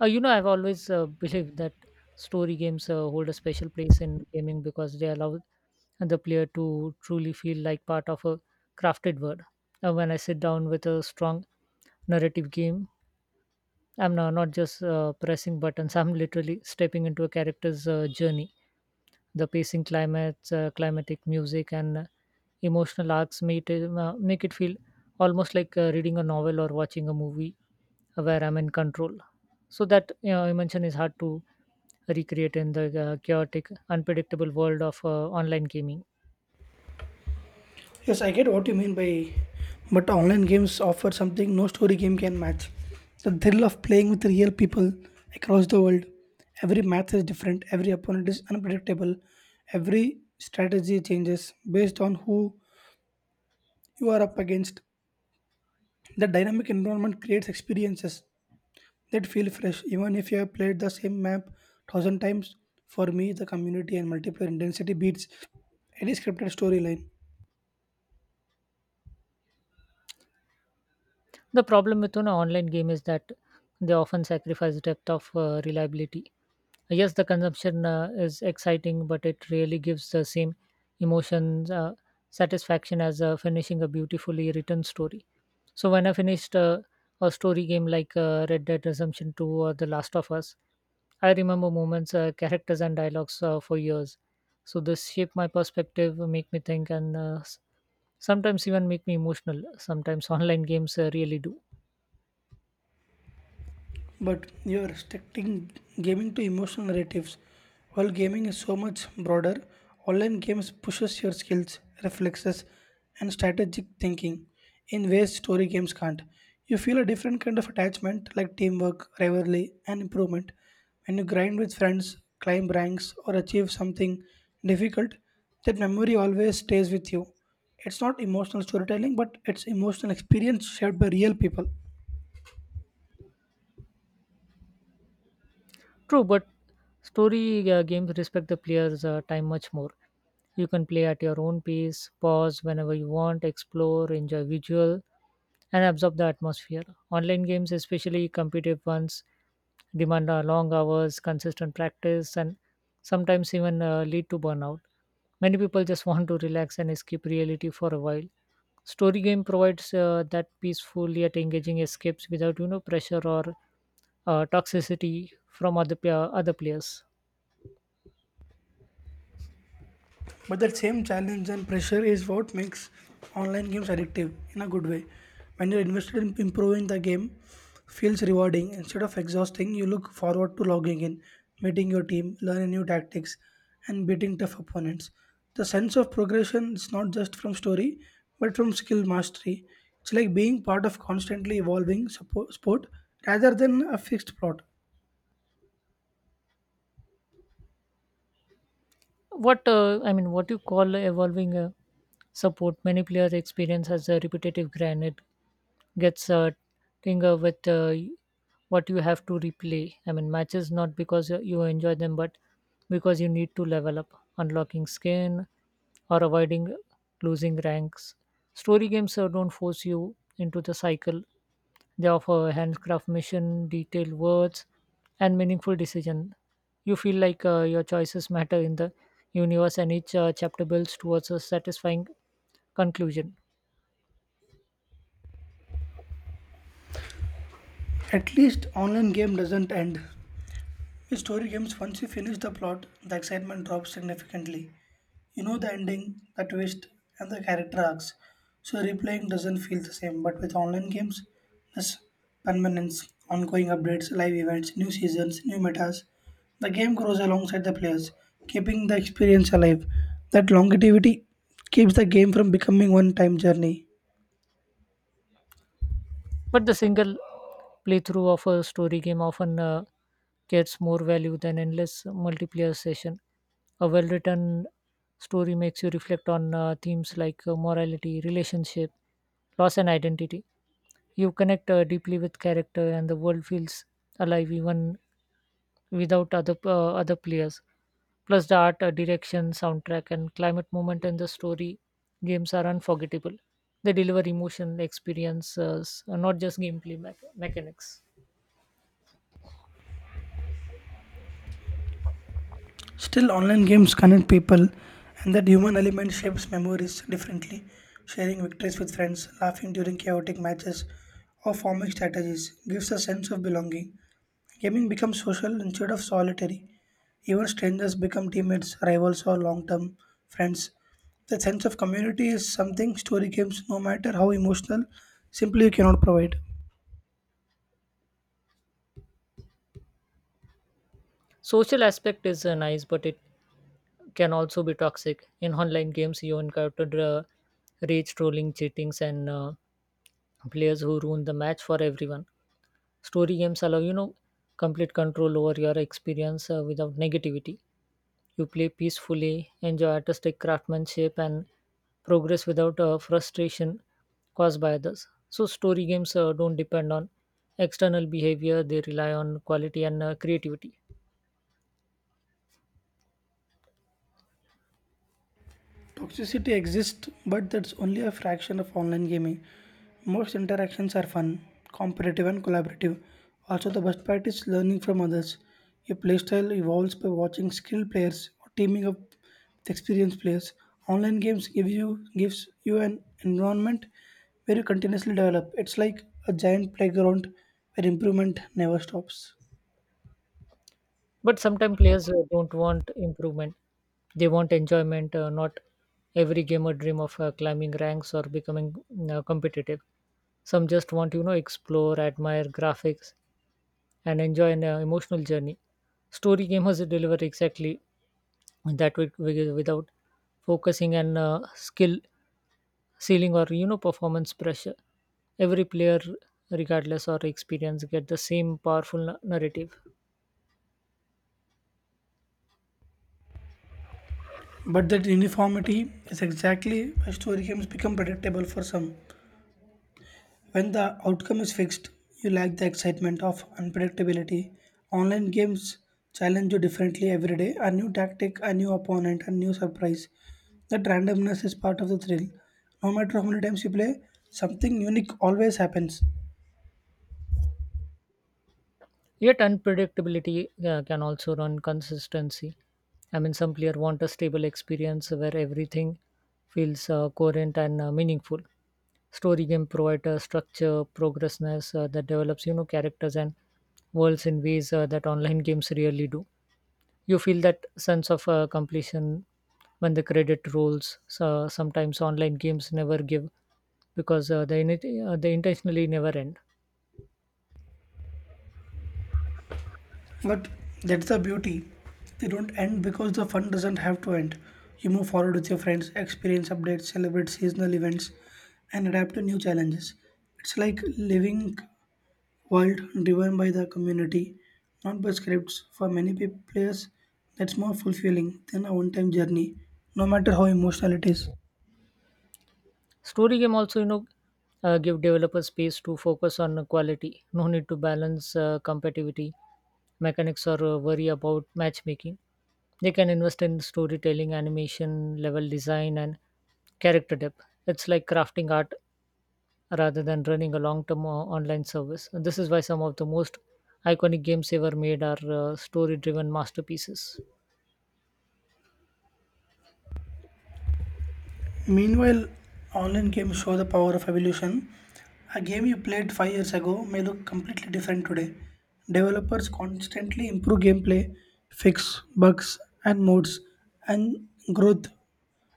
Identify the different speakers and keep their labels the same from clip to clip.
Speaker 1: I've always believed that story games hold a special place in gaming because they allow the player to truly feel like part of a crafted world. When I sit down with a strong narrative game, I'm no- not just pressing buttons, I'm literally stepping into a character's journey. The climatic music, and emotional arcs make it feel almost like reading a novel or watching a movie where I'm in control. Emotion is hard to recreate in the chaotic, unpredictable world of online gaming.
Speaker 2: Yes, I get what you mean by, but online games offer something no story game can match. The thrill of playing with real people across the world. Every match is different, every opponent is unpredictable, every strategy changes based on who you are up against. The dynamic environment creates experiences that feel fresh, even if you have played the same map thousand times. For me, the community and multiplayer intensity beats any scripted storyline.
Speaker 1: The problem with an online game is that they often sacrifice depth of reliability. Yes, the consumption is exciting, but it really gives the same emotions satisfaction as finishing a beautifully written story. So when I finished a story game like Red Dead Redemption 2 or The Last of Us, I remember characters, and dialogues for years. So this shaped my perspective, make me think, and sometimes even make me emotional. Sometimes online games really do.
Speaker 2: But you are restricting gaming to emotional narratives. While gaming is so much broader, online games pushes your skills, reflexes, and strategic thinking in ways story games can't. You feel a different kind of attachment like teamwork, rivalry, and improvement. When you grind with friends, climb ranks, or achieve something difficult, that memory always stays with you. It's not emotional storytelling, but it's emotional experience shared by real people.
Speaker 1: True, but story games respect the player's time much more. You can play at your own pace, pause whenever you want, explore, enjoy visual, and absorb the atmosphere. Online games, especially competitive ones, demand long hours, consistent practice, and sometimes even lead to burnout. Many people just want to relax and escape reality for a while. Story game provides that peaceful yet engaging escapes without pressure or toxicity from other players.
Speaker 2: But that same challenge and pressure is what makes online games addictive in a good way. When you're invested in improving the game, feels rewarding instead of exhausting. You look forward to logging in, meeting your team, learning new tactics, and beating tough opponents. The sense of progression is not just from story, but from skill mastery. It's like being part of constantly evolving sport rather than a fixed plot.
Speaker 1: What you call evolving support? Many players experience as a repetitive grind. It gets tinker with what you have to replay. I mean, matches not because you enjoy them, but because you need to level up, unlocking skin or avoiding losing ranks. Story games don't force you into the cycle. They offer handcraft mission, detailed words, and meaningful decision. You feel like your choices matter in the universe, and each chapter builds towards a satisfying conclusion.
Speaker 2: At least online game doesn't end. With story games, once you finish the plot, the excitement drops significantly. You know the ending, the twist, and the character arcs, so replaying doesn't feel the same. But with online games, there's permanence, ongoing updates, live events, new seasons, new metas. The game grows alongside the players, keeping the experience alive. That longevity keeps the game from becoming one time journey.
Speaker 1: But the single playthrough of a story game often gets more value than endless multiplayer session. A well-written story makes you reflect on themes like morality, relationship, loss, and identity. You connect deeply with character, and the world feels alive even without other players. Plus, the art, direction, soundtrack, and climate moment in the story games are unforgettable. They deliver emotional experiences not just mechanics.
Speaker 2: Still, online games connect people, and that human element shapes memories differently. Sharing victories with friends, laughing during chaotic matches, or forming strategies gives a sense of belonging. Gaming becomes social instead of solitary. Even strangers become teammates, rivals, or long term friends. The sense of community is something story games, no matter how emotional, simply cannot provide.
Speaker 1: Social aspect is nice, but it can also be toxic in online games. You encountered rage trolling cheatings and players who ruin the match for everyone. Story games allow complete control over your experience without negativity. You play peacefully, enjoy artistic craftsmanship, and progress without frustration caused by others. So story games don't depend on external behavior; they rely on quality and creativity.
Speaker 2: Toxicity exists, but that's only a fraction of online gaming. Most interactions are fun, competitive, and collaborative. Also, the best part is learning from others. Your playstyle evolves by watching skilled players or teaming up with experienced players. Online games give you gives you an environment where you continuously develop. It's like a giant playground where improvement never stops.
Speaker 1: But sometimes players don't want improvement; they want enjoyment. Not every gamer dream of climbing ranks or becoming competitive. Some just want explore, admire graphics, and enjoy an emotional journey. Story gamers deliver exactly that without focusing on skill ceiling or performance pressure. Every player regardless or experience get the same powerful narrative.
Speaker 2: But that uniformity is exactly why story games become predictable for some. When the outcome is fixed, you lack the excitement of unpredictability. Online games challenge you differently every day a new tactic, a new opponent, a new surprise. That randomness is part of the thrill. No matter how many times you play, something unique always happens.
Speaker 1: Yet unpredictability can also run consistency. I mean, some players want a stable experience where everything feels coherent and meaningful. Story game provide structure, progressness that develops, you know, characters and worlds in ways that online games rarely do. You feel that sense of completion when the credit rolls. So sometimes online games never give because they intentionally never end.
Speaker 2: But that's the beauty. They don't end because the fun doesn't have to end. You move forward with your friends, experience updates, celebrate seasonal events, and adapt to new challenges. It's like living world driven by the community, not by scripts. For many players, that's more fulfilling than a one time journey, no matter how emotional it is.
Speaker 1: Story game also, you know, give developers space to focus on quality. No need to balance competitivity mechanics or worry about matchmaking. They can invest in storytelling, animation, level design, and character depth. It's like crafting art rather than running a online service. This is why some of the most iconic games ever made are story-driven masterpieces.
Speaker 2: Meanwhile, online games show the power of evolution. A game you played 5 years ago may look completely different today. Developers constantly improve gameplay, fix bugs and modes, and growth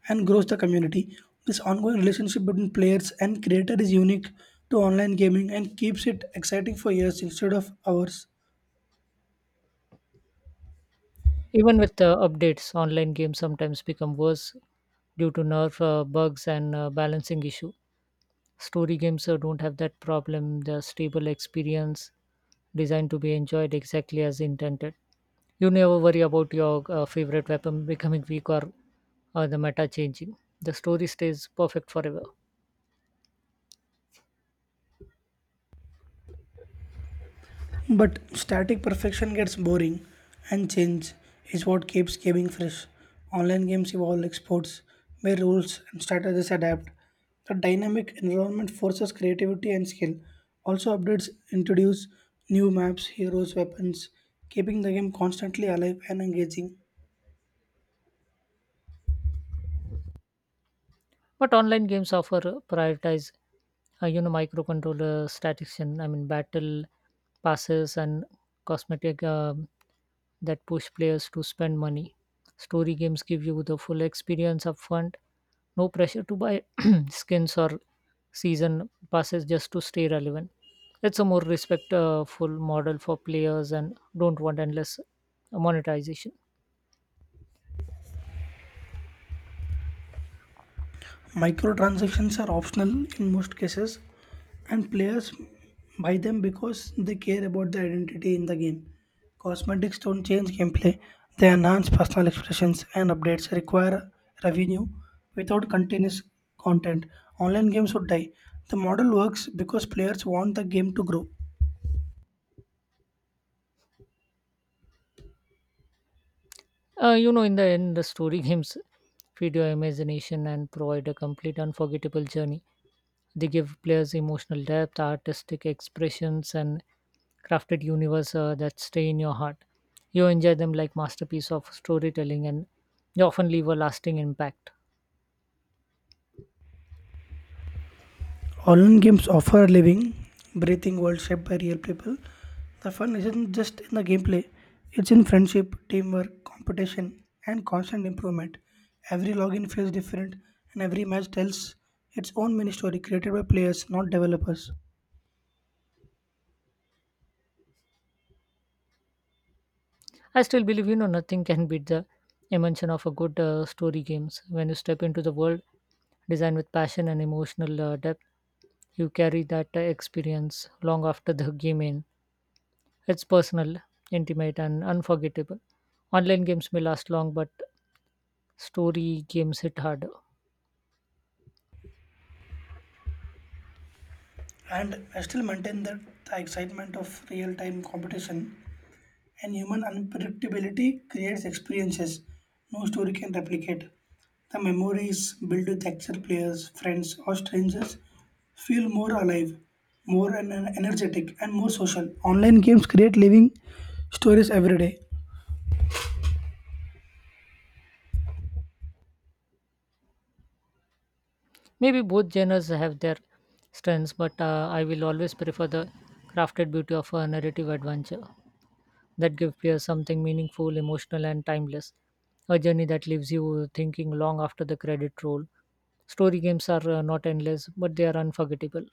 Speaker 2: and grows the community. This ongoing relationship between players and creator is unique to online gaming and keeps it exciting for years instead of hours.
Speaker 1: Even with updates, online games sometimes become worse due to nerf bugs and balancing issue. Story games don't have that problem. They're stable experience designed to be enjoyed exactly as intended. You never worry about your favorite weapon becoming weak or the meta changing. The story stays perfect forever.
Speaker 2: But static perfection gets boring, and change is what keeps gaming fresh. Online games evolve like sports, where rules and strategies adapt. The dynamic environment forces creativity and skill. Also, updates introduce new maps, heroes, weapons, keeping the game constantly alive and engaging.
Speaker 1: But online games offer prioritize, microcontroller statistics. I mean, battle passes and cosmetic that push players to spend money. Story games give you the full experience upfront, no pressure to buy skins or season passes just to stay relevant. It's a more respectful model for players and don't want endless monetization.
Speaker 2: Microtransactions are optional in most cases, and players buy them because they care about the identity in the game. Cosmetics don't change gameplay, they enhance personal expressions, and updates require revenue without continuous content. Online games would die. The model works because players want the game to grow.
Speaker 1: In the end, the story games feed your imagination and provide a complete unforgettable journey. They give players emotional depth, artistic expressions, and crafted universe that stay in your heart. You enjoy them like masterpiece of storytelling, and they often leave a lasting impact.
Speaker 2: Online games offer a living, breathing world shaped by real people. The fun isn't just in the gameplay, it's in friendship, teamwork, competition, and constant improvement. Every login feels different, and every match tells its own mini story created by players, not developers.
Speaker 1: I still believe nothing can beat the dimension of a good story games. When you step into the world designed with passion and emotional depth, you carry that experience long after the game ends. It's personal, intimate, and unforgettable. Online games may last long, but story games hit harder.
Speaker 2: And I still maintain that the excitement of real time competition and human unpredictability creates experiences no story can replicate. The memories built with actual players, friends, or strangers feel more alive, more energetic, and more social. Online games create living stories every day,
Speaker 1: Maybe both genres have their strengths, but I will always prefer the crafted beauty of a narrative adventure that gives players something meaningful, emotional, and timeless. A journey that leaves you thinking long after the credit roll. Story games are not endless, but they are unforgettable.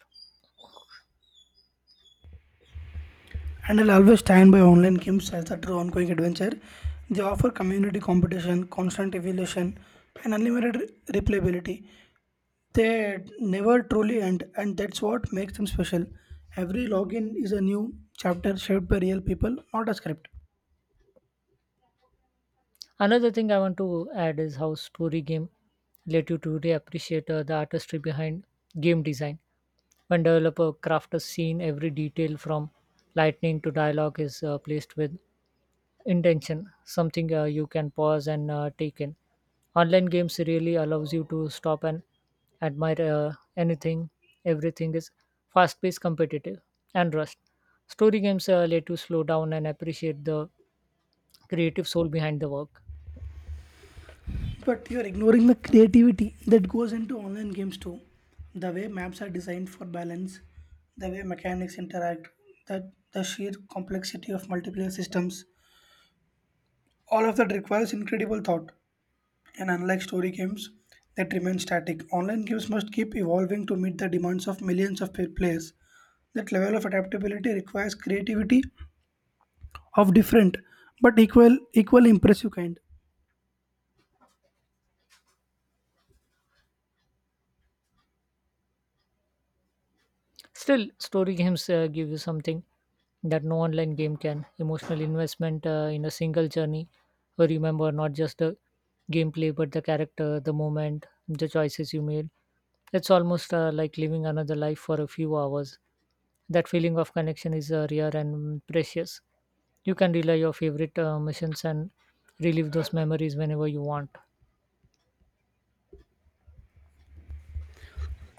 Speaker 2: and I'll always stand by online games as a true ongoing adventure. They offer community competition, constant evolution, and unlimited replayability. They never truly end, and that's what makes them special. Every login is a new chapter shaped by real people, not a script.
Speaker 1: Another thing I want to add is how story game let you to really appreciate the artistry behind game design. When developer craft a scene, every detail from lightning to dialogue is placed with intention. Something you can pause and take in. Online games really allows you to stop and admire anything. Everything is fast-paced, competitive, and rushed. Story games let you slow down and appreciate the creative soul behind the work.
Speaker 2: But you're ignoring the creativity that goes into online games too. The way maps are designed for balance, the way mechanics interact, the sheer complexity of multiplayer systems. All of that requires incredible thought. And unlike story games that remain static, online games must keep evolving to meet the demands of millions of players. That level of adaptability requires creativity of different but equally impressive kind.
Speaker 1: Still, story games give you something that no online game can emotional investment in a single journey. Where you remember not just the gameplay, but the character, the moment, the choices you made. It's almost like living another life for a few hours. That feeling of connection is rare and precious. You can relive your favorite missions and relive those memories whenever you want.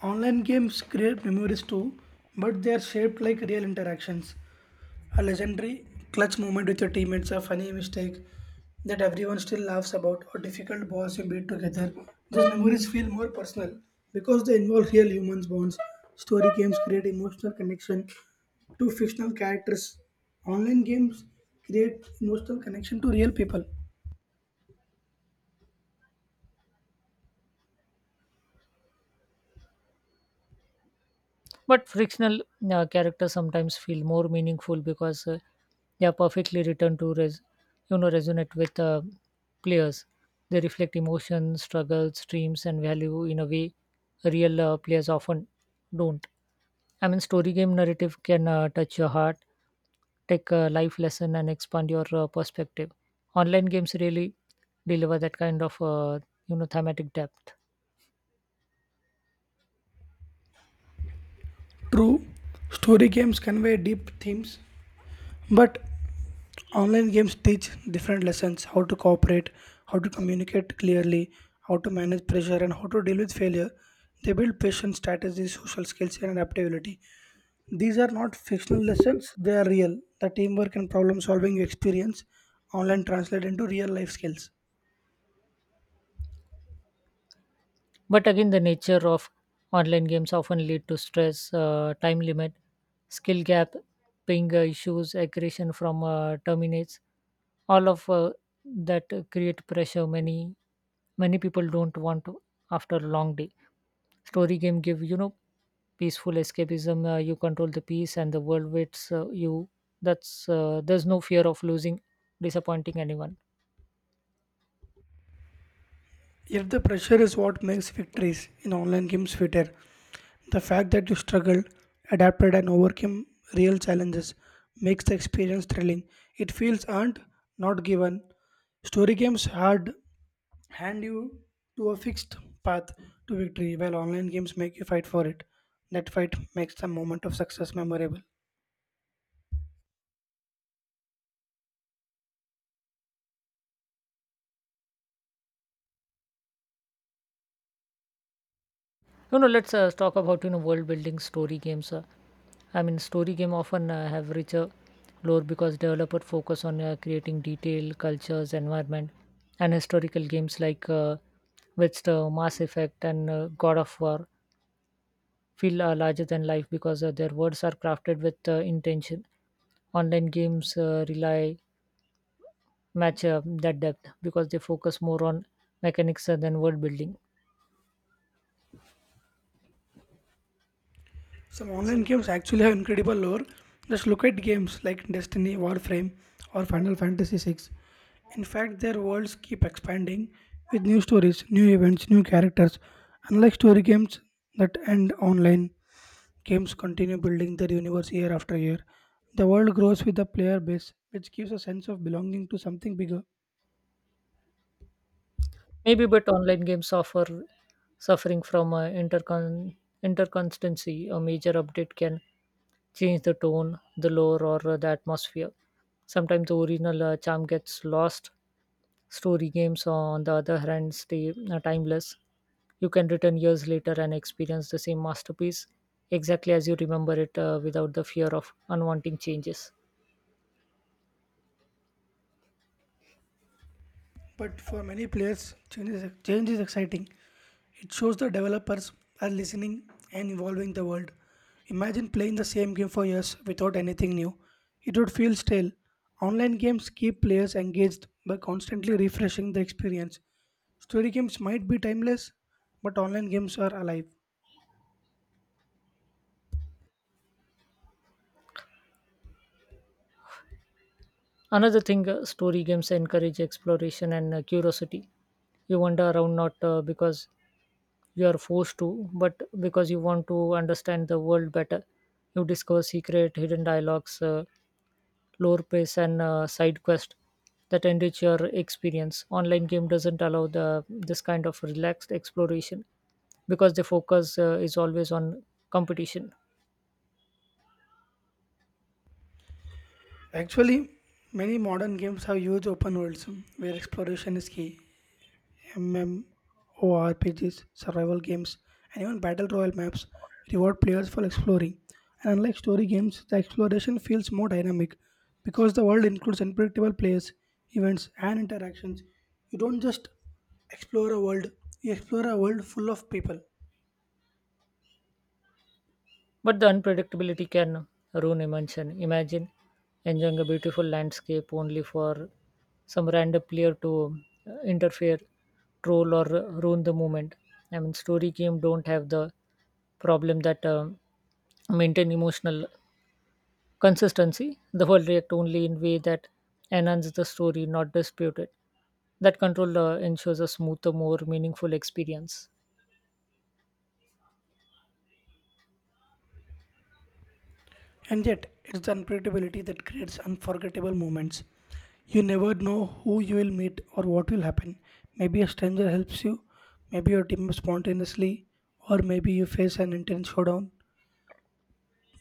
Speaker 2: Online games create memories too, but they are shaped like real interactions. A legendary clutch moment with your teammates, a funny mistake that everyone still laughs about, or difficult balls you beat together. Those memories feel more personal because they involve real humans bonds. Story games create emotional connection to fictional characters. Online games create emotional connection to real people.
Speaker 1: But frictional characters sometimes feel more meaningful because they are perfectly written to resonate with players. They reflect emotions, struggles, dreams, and value in a way real players often don't. I mean, story game narrative can touch your heart, take a life lesson, and expand your perspective. Online games really deliver that kind of thematic depth.
Speaker 2: True, story games convey deep themes. But online games teach different lessons how to cooperate, how to communicate clearly, how to manage pressure, and how to deal with failure. They build patience, strategy, social skills, and adaptability. These are not fictional lessons, they are real. The teamwork and problem solving you experience online translate into real life skills.
Speaker 1: But again, the nature of online games often lead to stress, time limit, skill gap, ping issues, aggression from terminates. All of that create pressure. Many people don't want to after a long day. Story game give peaceful escapism. You control the peace and the world waits you. That's There's no fear of losing, disappointing anyone.
Speaker 2: If the pressure is what makes victories in online games sweeter, the fact that you struggled, adapted, and overcame real challenges makes the experience thrilling. It feels earned, not given. Story games hard hand you to a fixed path to victory, while online games make you fight for it. That fight makes the moment of success memorable.
Speaker 1: You know, let's talk about world building story games. Story game often have richer lore because developer focus on creating detail, cultures, environment, and historical games like Witcher, Mass Effect, and God of War feel larger than life because their words are crafted with intention. Online games rely match that depth because they focus more on mechanics than world building.
Speaker 2: Some online games actually have incredible lore. Just look at games like Destiny, Warframe, or Final Fantasy Six. In fact, their worlds keep expanding with new stories, new events, new characters. Unlike story games that end online, games continue building their universe year after year. The world grows with the player base, which gives a sense of belonging to something bigger.
Speaker 1: Maybe, but online games suffering from interconstancy. A major update can change the tone, the lore, or the atmosphere. Sometimes the original charm gets lost. Story games, on the other hand, stay timeless. You can return years later and experience the same masterpiece exactly as you remember it without the fear of unwanting changes.
Speaker 2: But for many players, change is exciting. It shows the developers are listening and evolving the world. Imagine playing the same game for years without anything new. It would feel stale. Online games keep players engaged by constantly refreshing the experience. Story games might be timeless, but online games are alive.
Speaker 1: Another thing, story games encourage exploration and curiosity. You wander around not because you are forced to, but because you want to understand the world better. You discover secret, hidden dialogues, lore pace, and side quest that enrich your experience. Online game doesn't allow the this kind of relaxed exploration because the focus is always on competition.
Speaker 2: Actually, many modern games have huge open worlds where exploration is key. MMORPGs, survival games, and even battle royale maps reward players for exploring. And unlike story games, the exploration feels more dynamic because the world includes unpredictable players, events, and interactions. You don't just explore a world, you explore a world full of people.
Speaker 1: But the unpredictability can ruin immersion. Imagine enjoying a beautiful landscape only for some random player to interfere, troll, or ruin the moment. I mean, story game don't have the problem that maintain emotional consistency. The world react only in way that enhance the story, not dispute it. That control ensures a smoother, more meaningful experience.
Speaker 2: And yet, it's the unpredictability that creates unforgettable moments. You never know who you will meet or what will happen. Maybe a stranger helps you, maybe your team spontaneously, or maybe you face an intense showdown.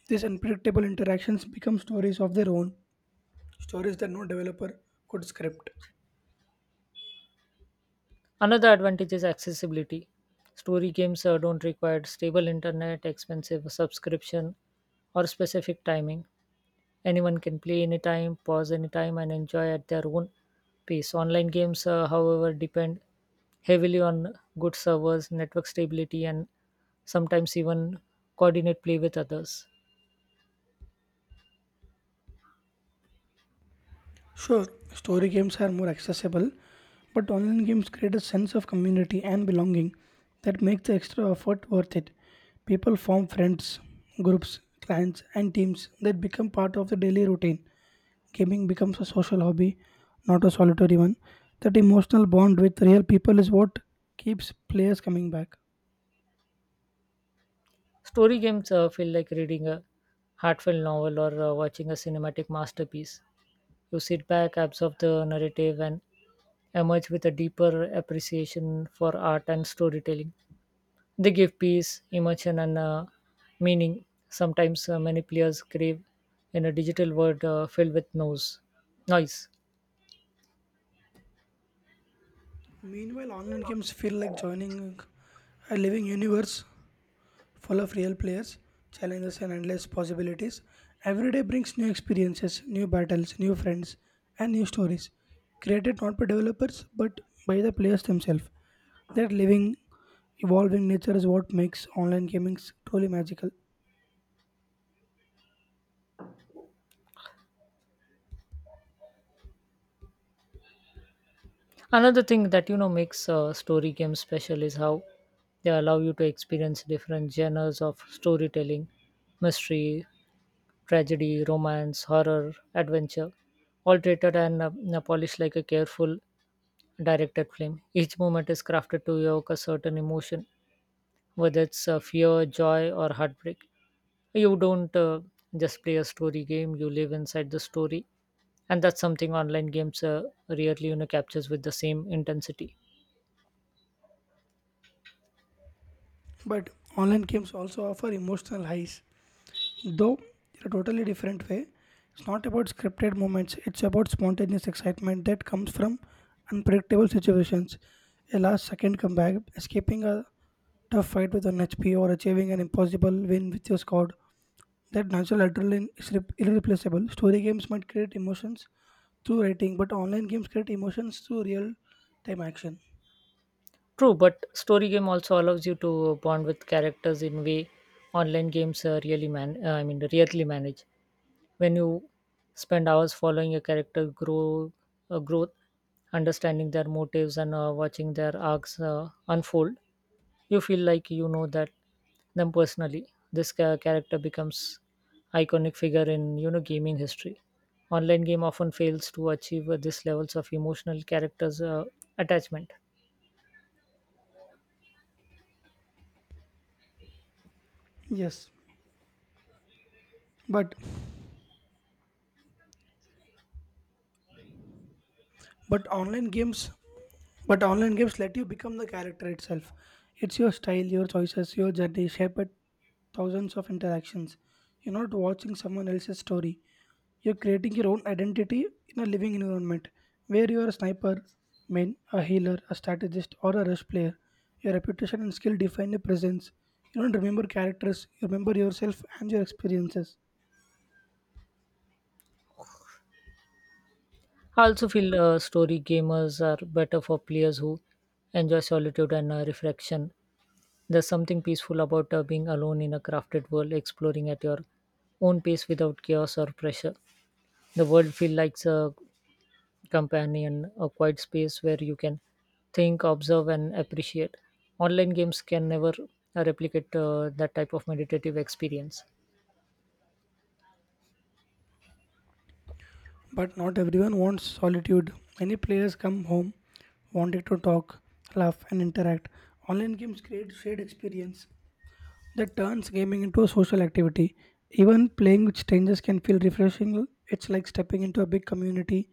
Speaker 2: These unpredictable interactions become stories of their own, stories that no developer could script.
Speaker 1: Another advantage is accessibility. Story games don't require stable internet, expensive subscription, or specific timing. Anyone can play anytime, pause anytime, and enjoy at their own pace. Online games, however, depend heavily on good servers, network stability, and sometimes even coordinate play with others.
Speaker 2: Sure, story games are more accessible, but online games create a sense of community and belonging that makes the extra effort worth it. People form friends, groups, clans, and teams that become part of the daily routine. Gaming becomes a social hobby, not a solitary one. That emotional bond with real people is what keeps players coming back.
Speaker 1: Story games feel like reading a heartfelt novel or watching a cinematic masterpiece. You sit back, absorb the narrative, and emerge with a deeper appreciation for art and storytelling. They give peace, emotion, and meaning. Sometimes many players crave in a digital world filled with noise. Noise.
Speaker 2: Meanwhile, online games feel like joining a living universe full of real players, challenges, and endless possibilities. Every day brings new experiences, new battles, new friends, and new stories, created not by developers but by the players themselves. That living, evolving nature is what makes online gaming truly magical.
Speaker 1: Another thing that you know makes story games special is how they allow you to experience different genres of storytelling: mystery, tragedy, romance, horror, adventure, all treated and polished like a careful directed film. Each moment is crafted to evoke a certain emotion, whether it's fear, joy, or heartbreak. You don't just play a story game, you live inside the story, and that's something online games rarely you know, captures with the same intensity.
Speaker 2: But online games also offer emotional highs. Though in a totally different way, it's not about scripted moments, it's about spontaneous excitement that comes from unpredictable situations. A last second comeback, escaping a tough fight with an HP, or achieving an impossible win with your squad. That natural adrenaline is irreplaceable. Story games might create emotions through writing, but online games create emotions through real time action.
Speaker 1: True, but story game also allows you to bond with characters in way online games really man. I mean, rarely manage. When you spend hours following a character growth, understanding their motives and watching their arcs unfold, you feel like you know that them personally. Character becomes iconic figure in you know gaming history. Online game often fails to achieve this levels of emotional characters attachment.
Speaker 2: Yes, but but online games but online games let you become the character itself, it's your style, your choices, your journey shaped by thousands of interactions. You're not watching someone else's story, you're creating your own identity in a living environment where you're a sniper main, a healer, a strategist, or a rush player. Your reputation and skill define your presence. You don't remember characters, you remember yourself and your experiences.
Speaker 1: I also feel story gamers are better for players who enjoy solitude and reflection. There's something peaceful about being alone in a crafted world, exploring at your own pace without chaos or pressure. The world feels like a companion, a quiet space where you can think, observe, and appreciate. Online games can never replicate that type of meditative experience.
Speaker 2: But not everyone wants solitude. Many players come home wanting to talk, laugh, and interact. Online games create shared experience that turns gaming into a social activity. Even playing with strangers can feel refreshing. It's like stepping into a big community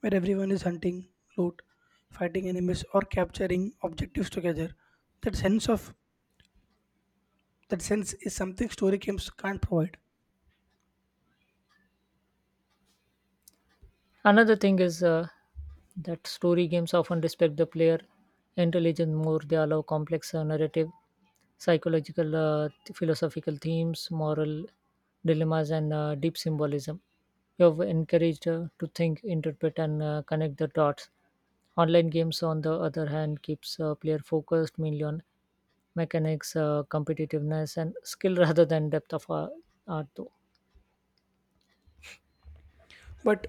Speaker 2: where everyone is hunting, loot, fighting enemies, or capturing objectives together. That sense of that sense is something story games can't provide.
Speaker 1: Another thing is that story games often respect the player intelligence more. They allow complex narrative, psychological, philosophical themes, moral dilemmas, and deep symbolism. You have encouraged to think, interpret, and connect the dots. Online games, on the other hand, keeps player focused mainly on mechanics, competitiveness, and skill rather than depth of art. Though.
Speaker 2: But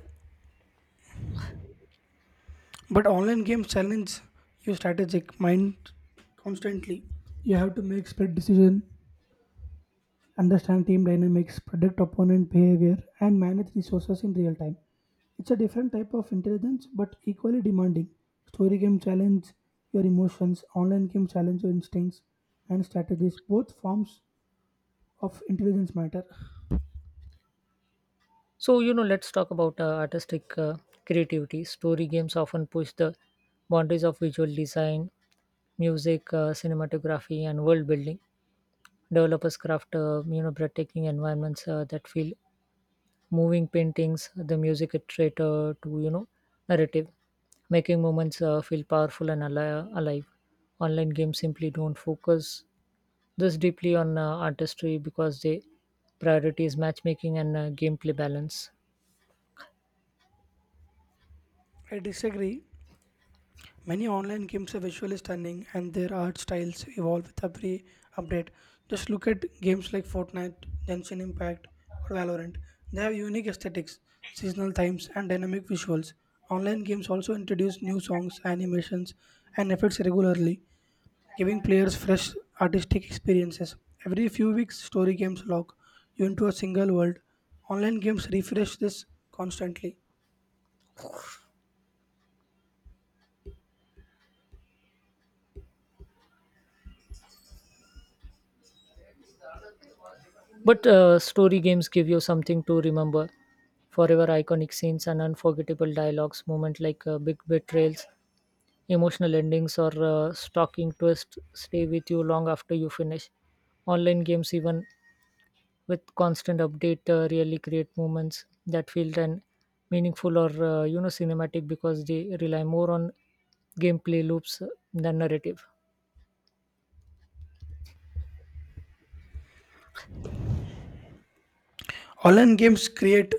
Speaker 2: But online games challenge your strategic mind constantly. You have to make split decision, understand team dynamics, predict opponent behavior, and manage resources in real time. It's a different type of intelligence, but equally demanding. Story game challenge your emotions, online game challenge your instincts and strategies. Both forms of intelligence matter.
Speaker 1: So, you know, let's talk about artistic creativity. Story games often push the boundaries of visual design, music, cinematography, and world building. Developers craft, you know, breathtaking environments that feel moving paintings, the music iterator to, you know, narrative, making moments feel powerful and alive. Online games simply don't focus this deeply on artistry because they prioritize matchmaking and gameplay balance.
Speaker 2: I disagree. Many online games are visually stunning and their art styles evolve with every update. Just look at games like Fortnite, Genshin Impact, or Valorant. They have unique aesthetics, seasonal themes, and dynamic visuals. Online games also introduce new songs, animations, and effects regularly, giving players fresh artistic experiences. Every few weeks, story games lock you into a single world. Online games refresh this constantly.
Speaker 1: But story games give you something to remember forever iconic scenes and unforgettable dialogues, moments like big betrayals, emotional endings, or stalking twists stay with you long after you finish. Online games, even with constant update, really create moments that feel then meaningful or you know cinematic because they rely more on gameplay loops than narrative.
Speaker 2: Online games create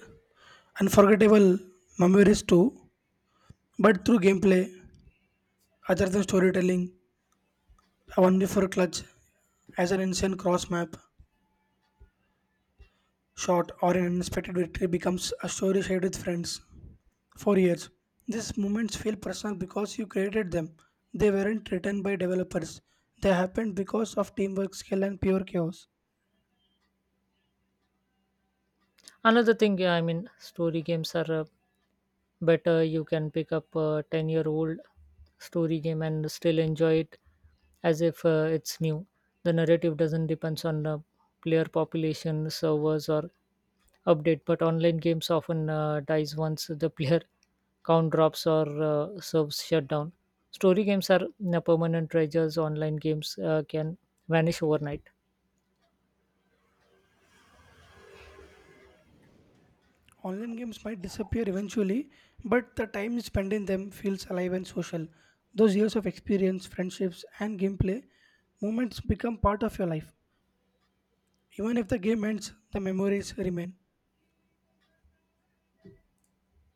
Speaker 2: unforgettable memories too, but through gameplay, other than storytelling, a one v clutch as an insane cross map shot or an unexpected victory becomes a story shared with friends for years. These moments feel personal because you created them. They weren't written by developers. They happened because of teamwork, skill, and pure chaos.
Speaker 1: Another thing, yeah, I mean, story games are better. You can pick up a 10-year-old story game and still enjoy it as if it's new. The narrative doesn't depends on player population, servers, or update, but online games often dies once the player count drops or serves shut down. Story games are permanent treasures. Online games can vanish overnight.
Speaker 2: Online games might disappear eventually, but the time spent in them feels alive and social. Those years of experience, friendships, and gameplay moments become part of your life. Even if the game ends, the memories remain.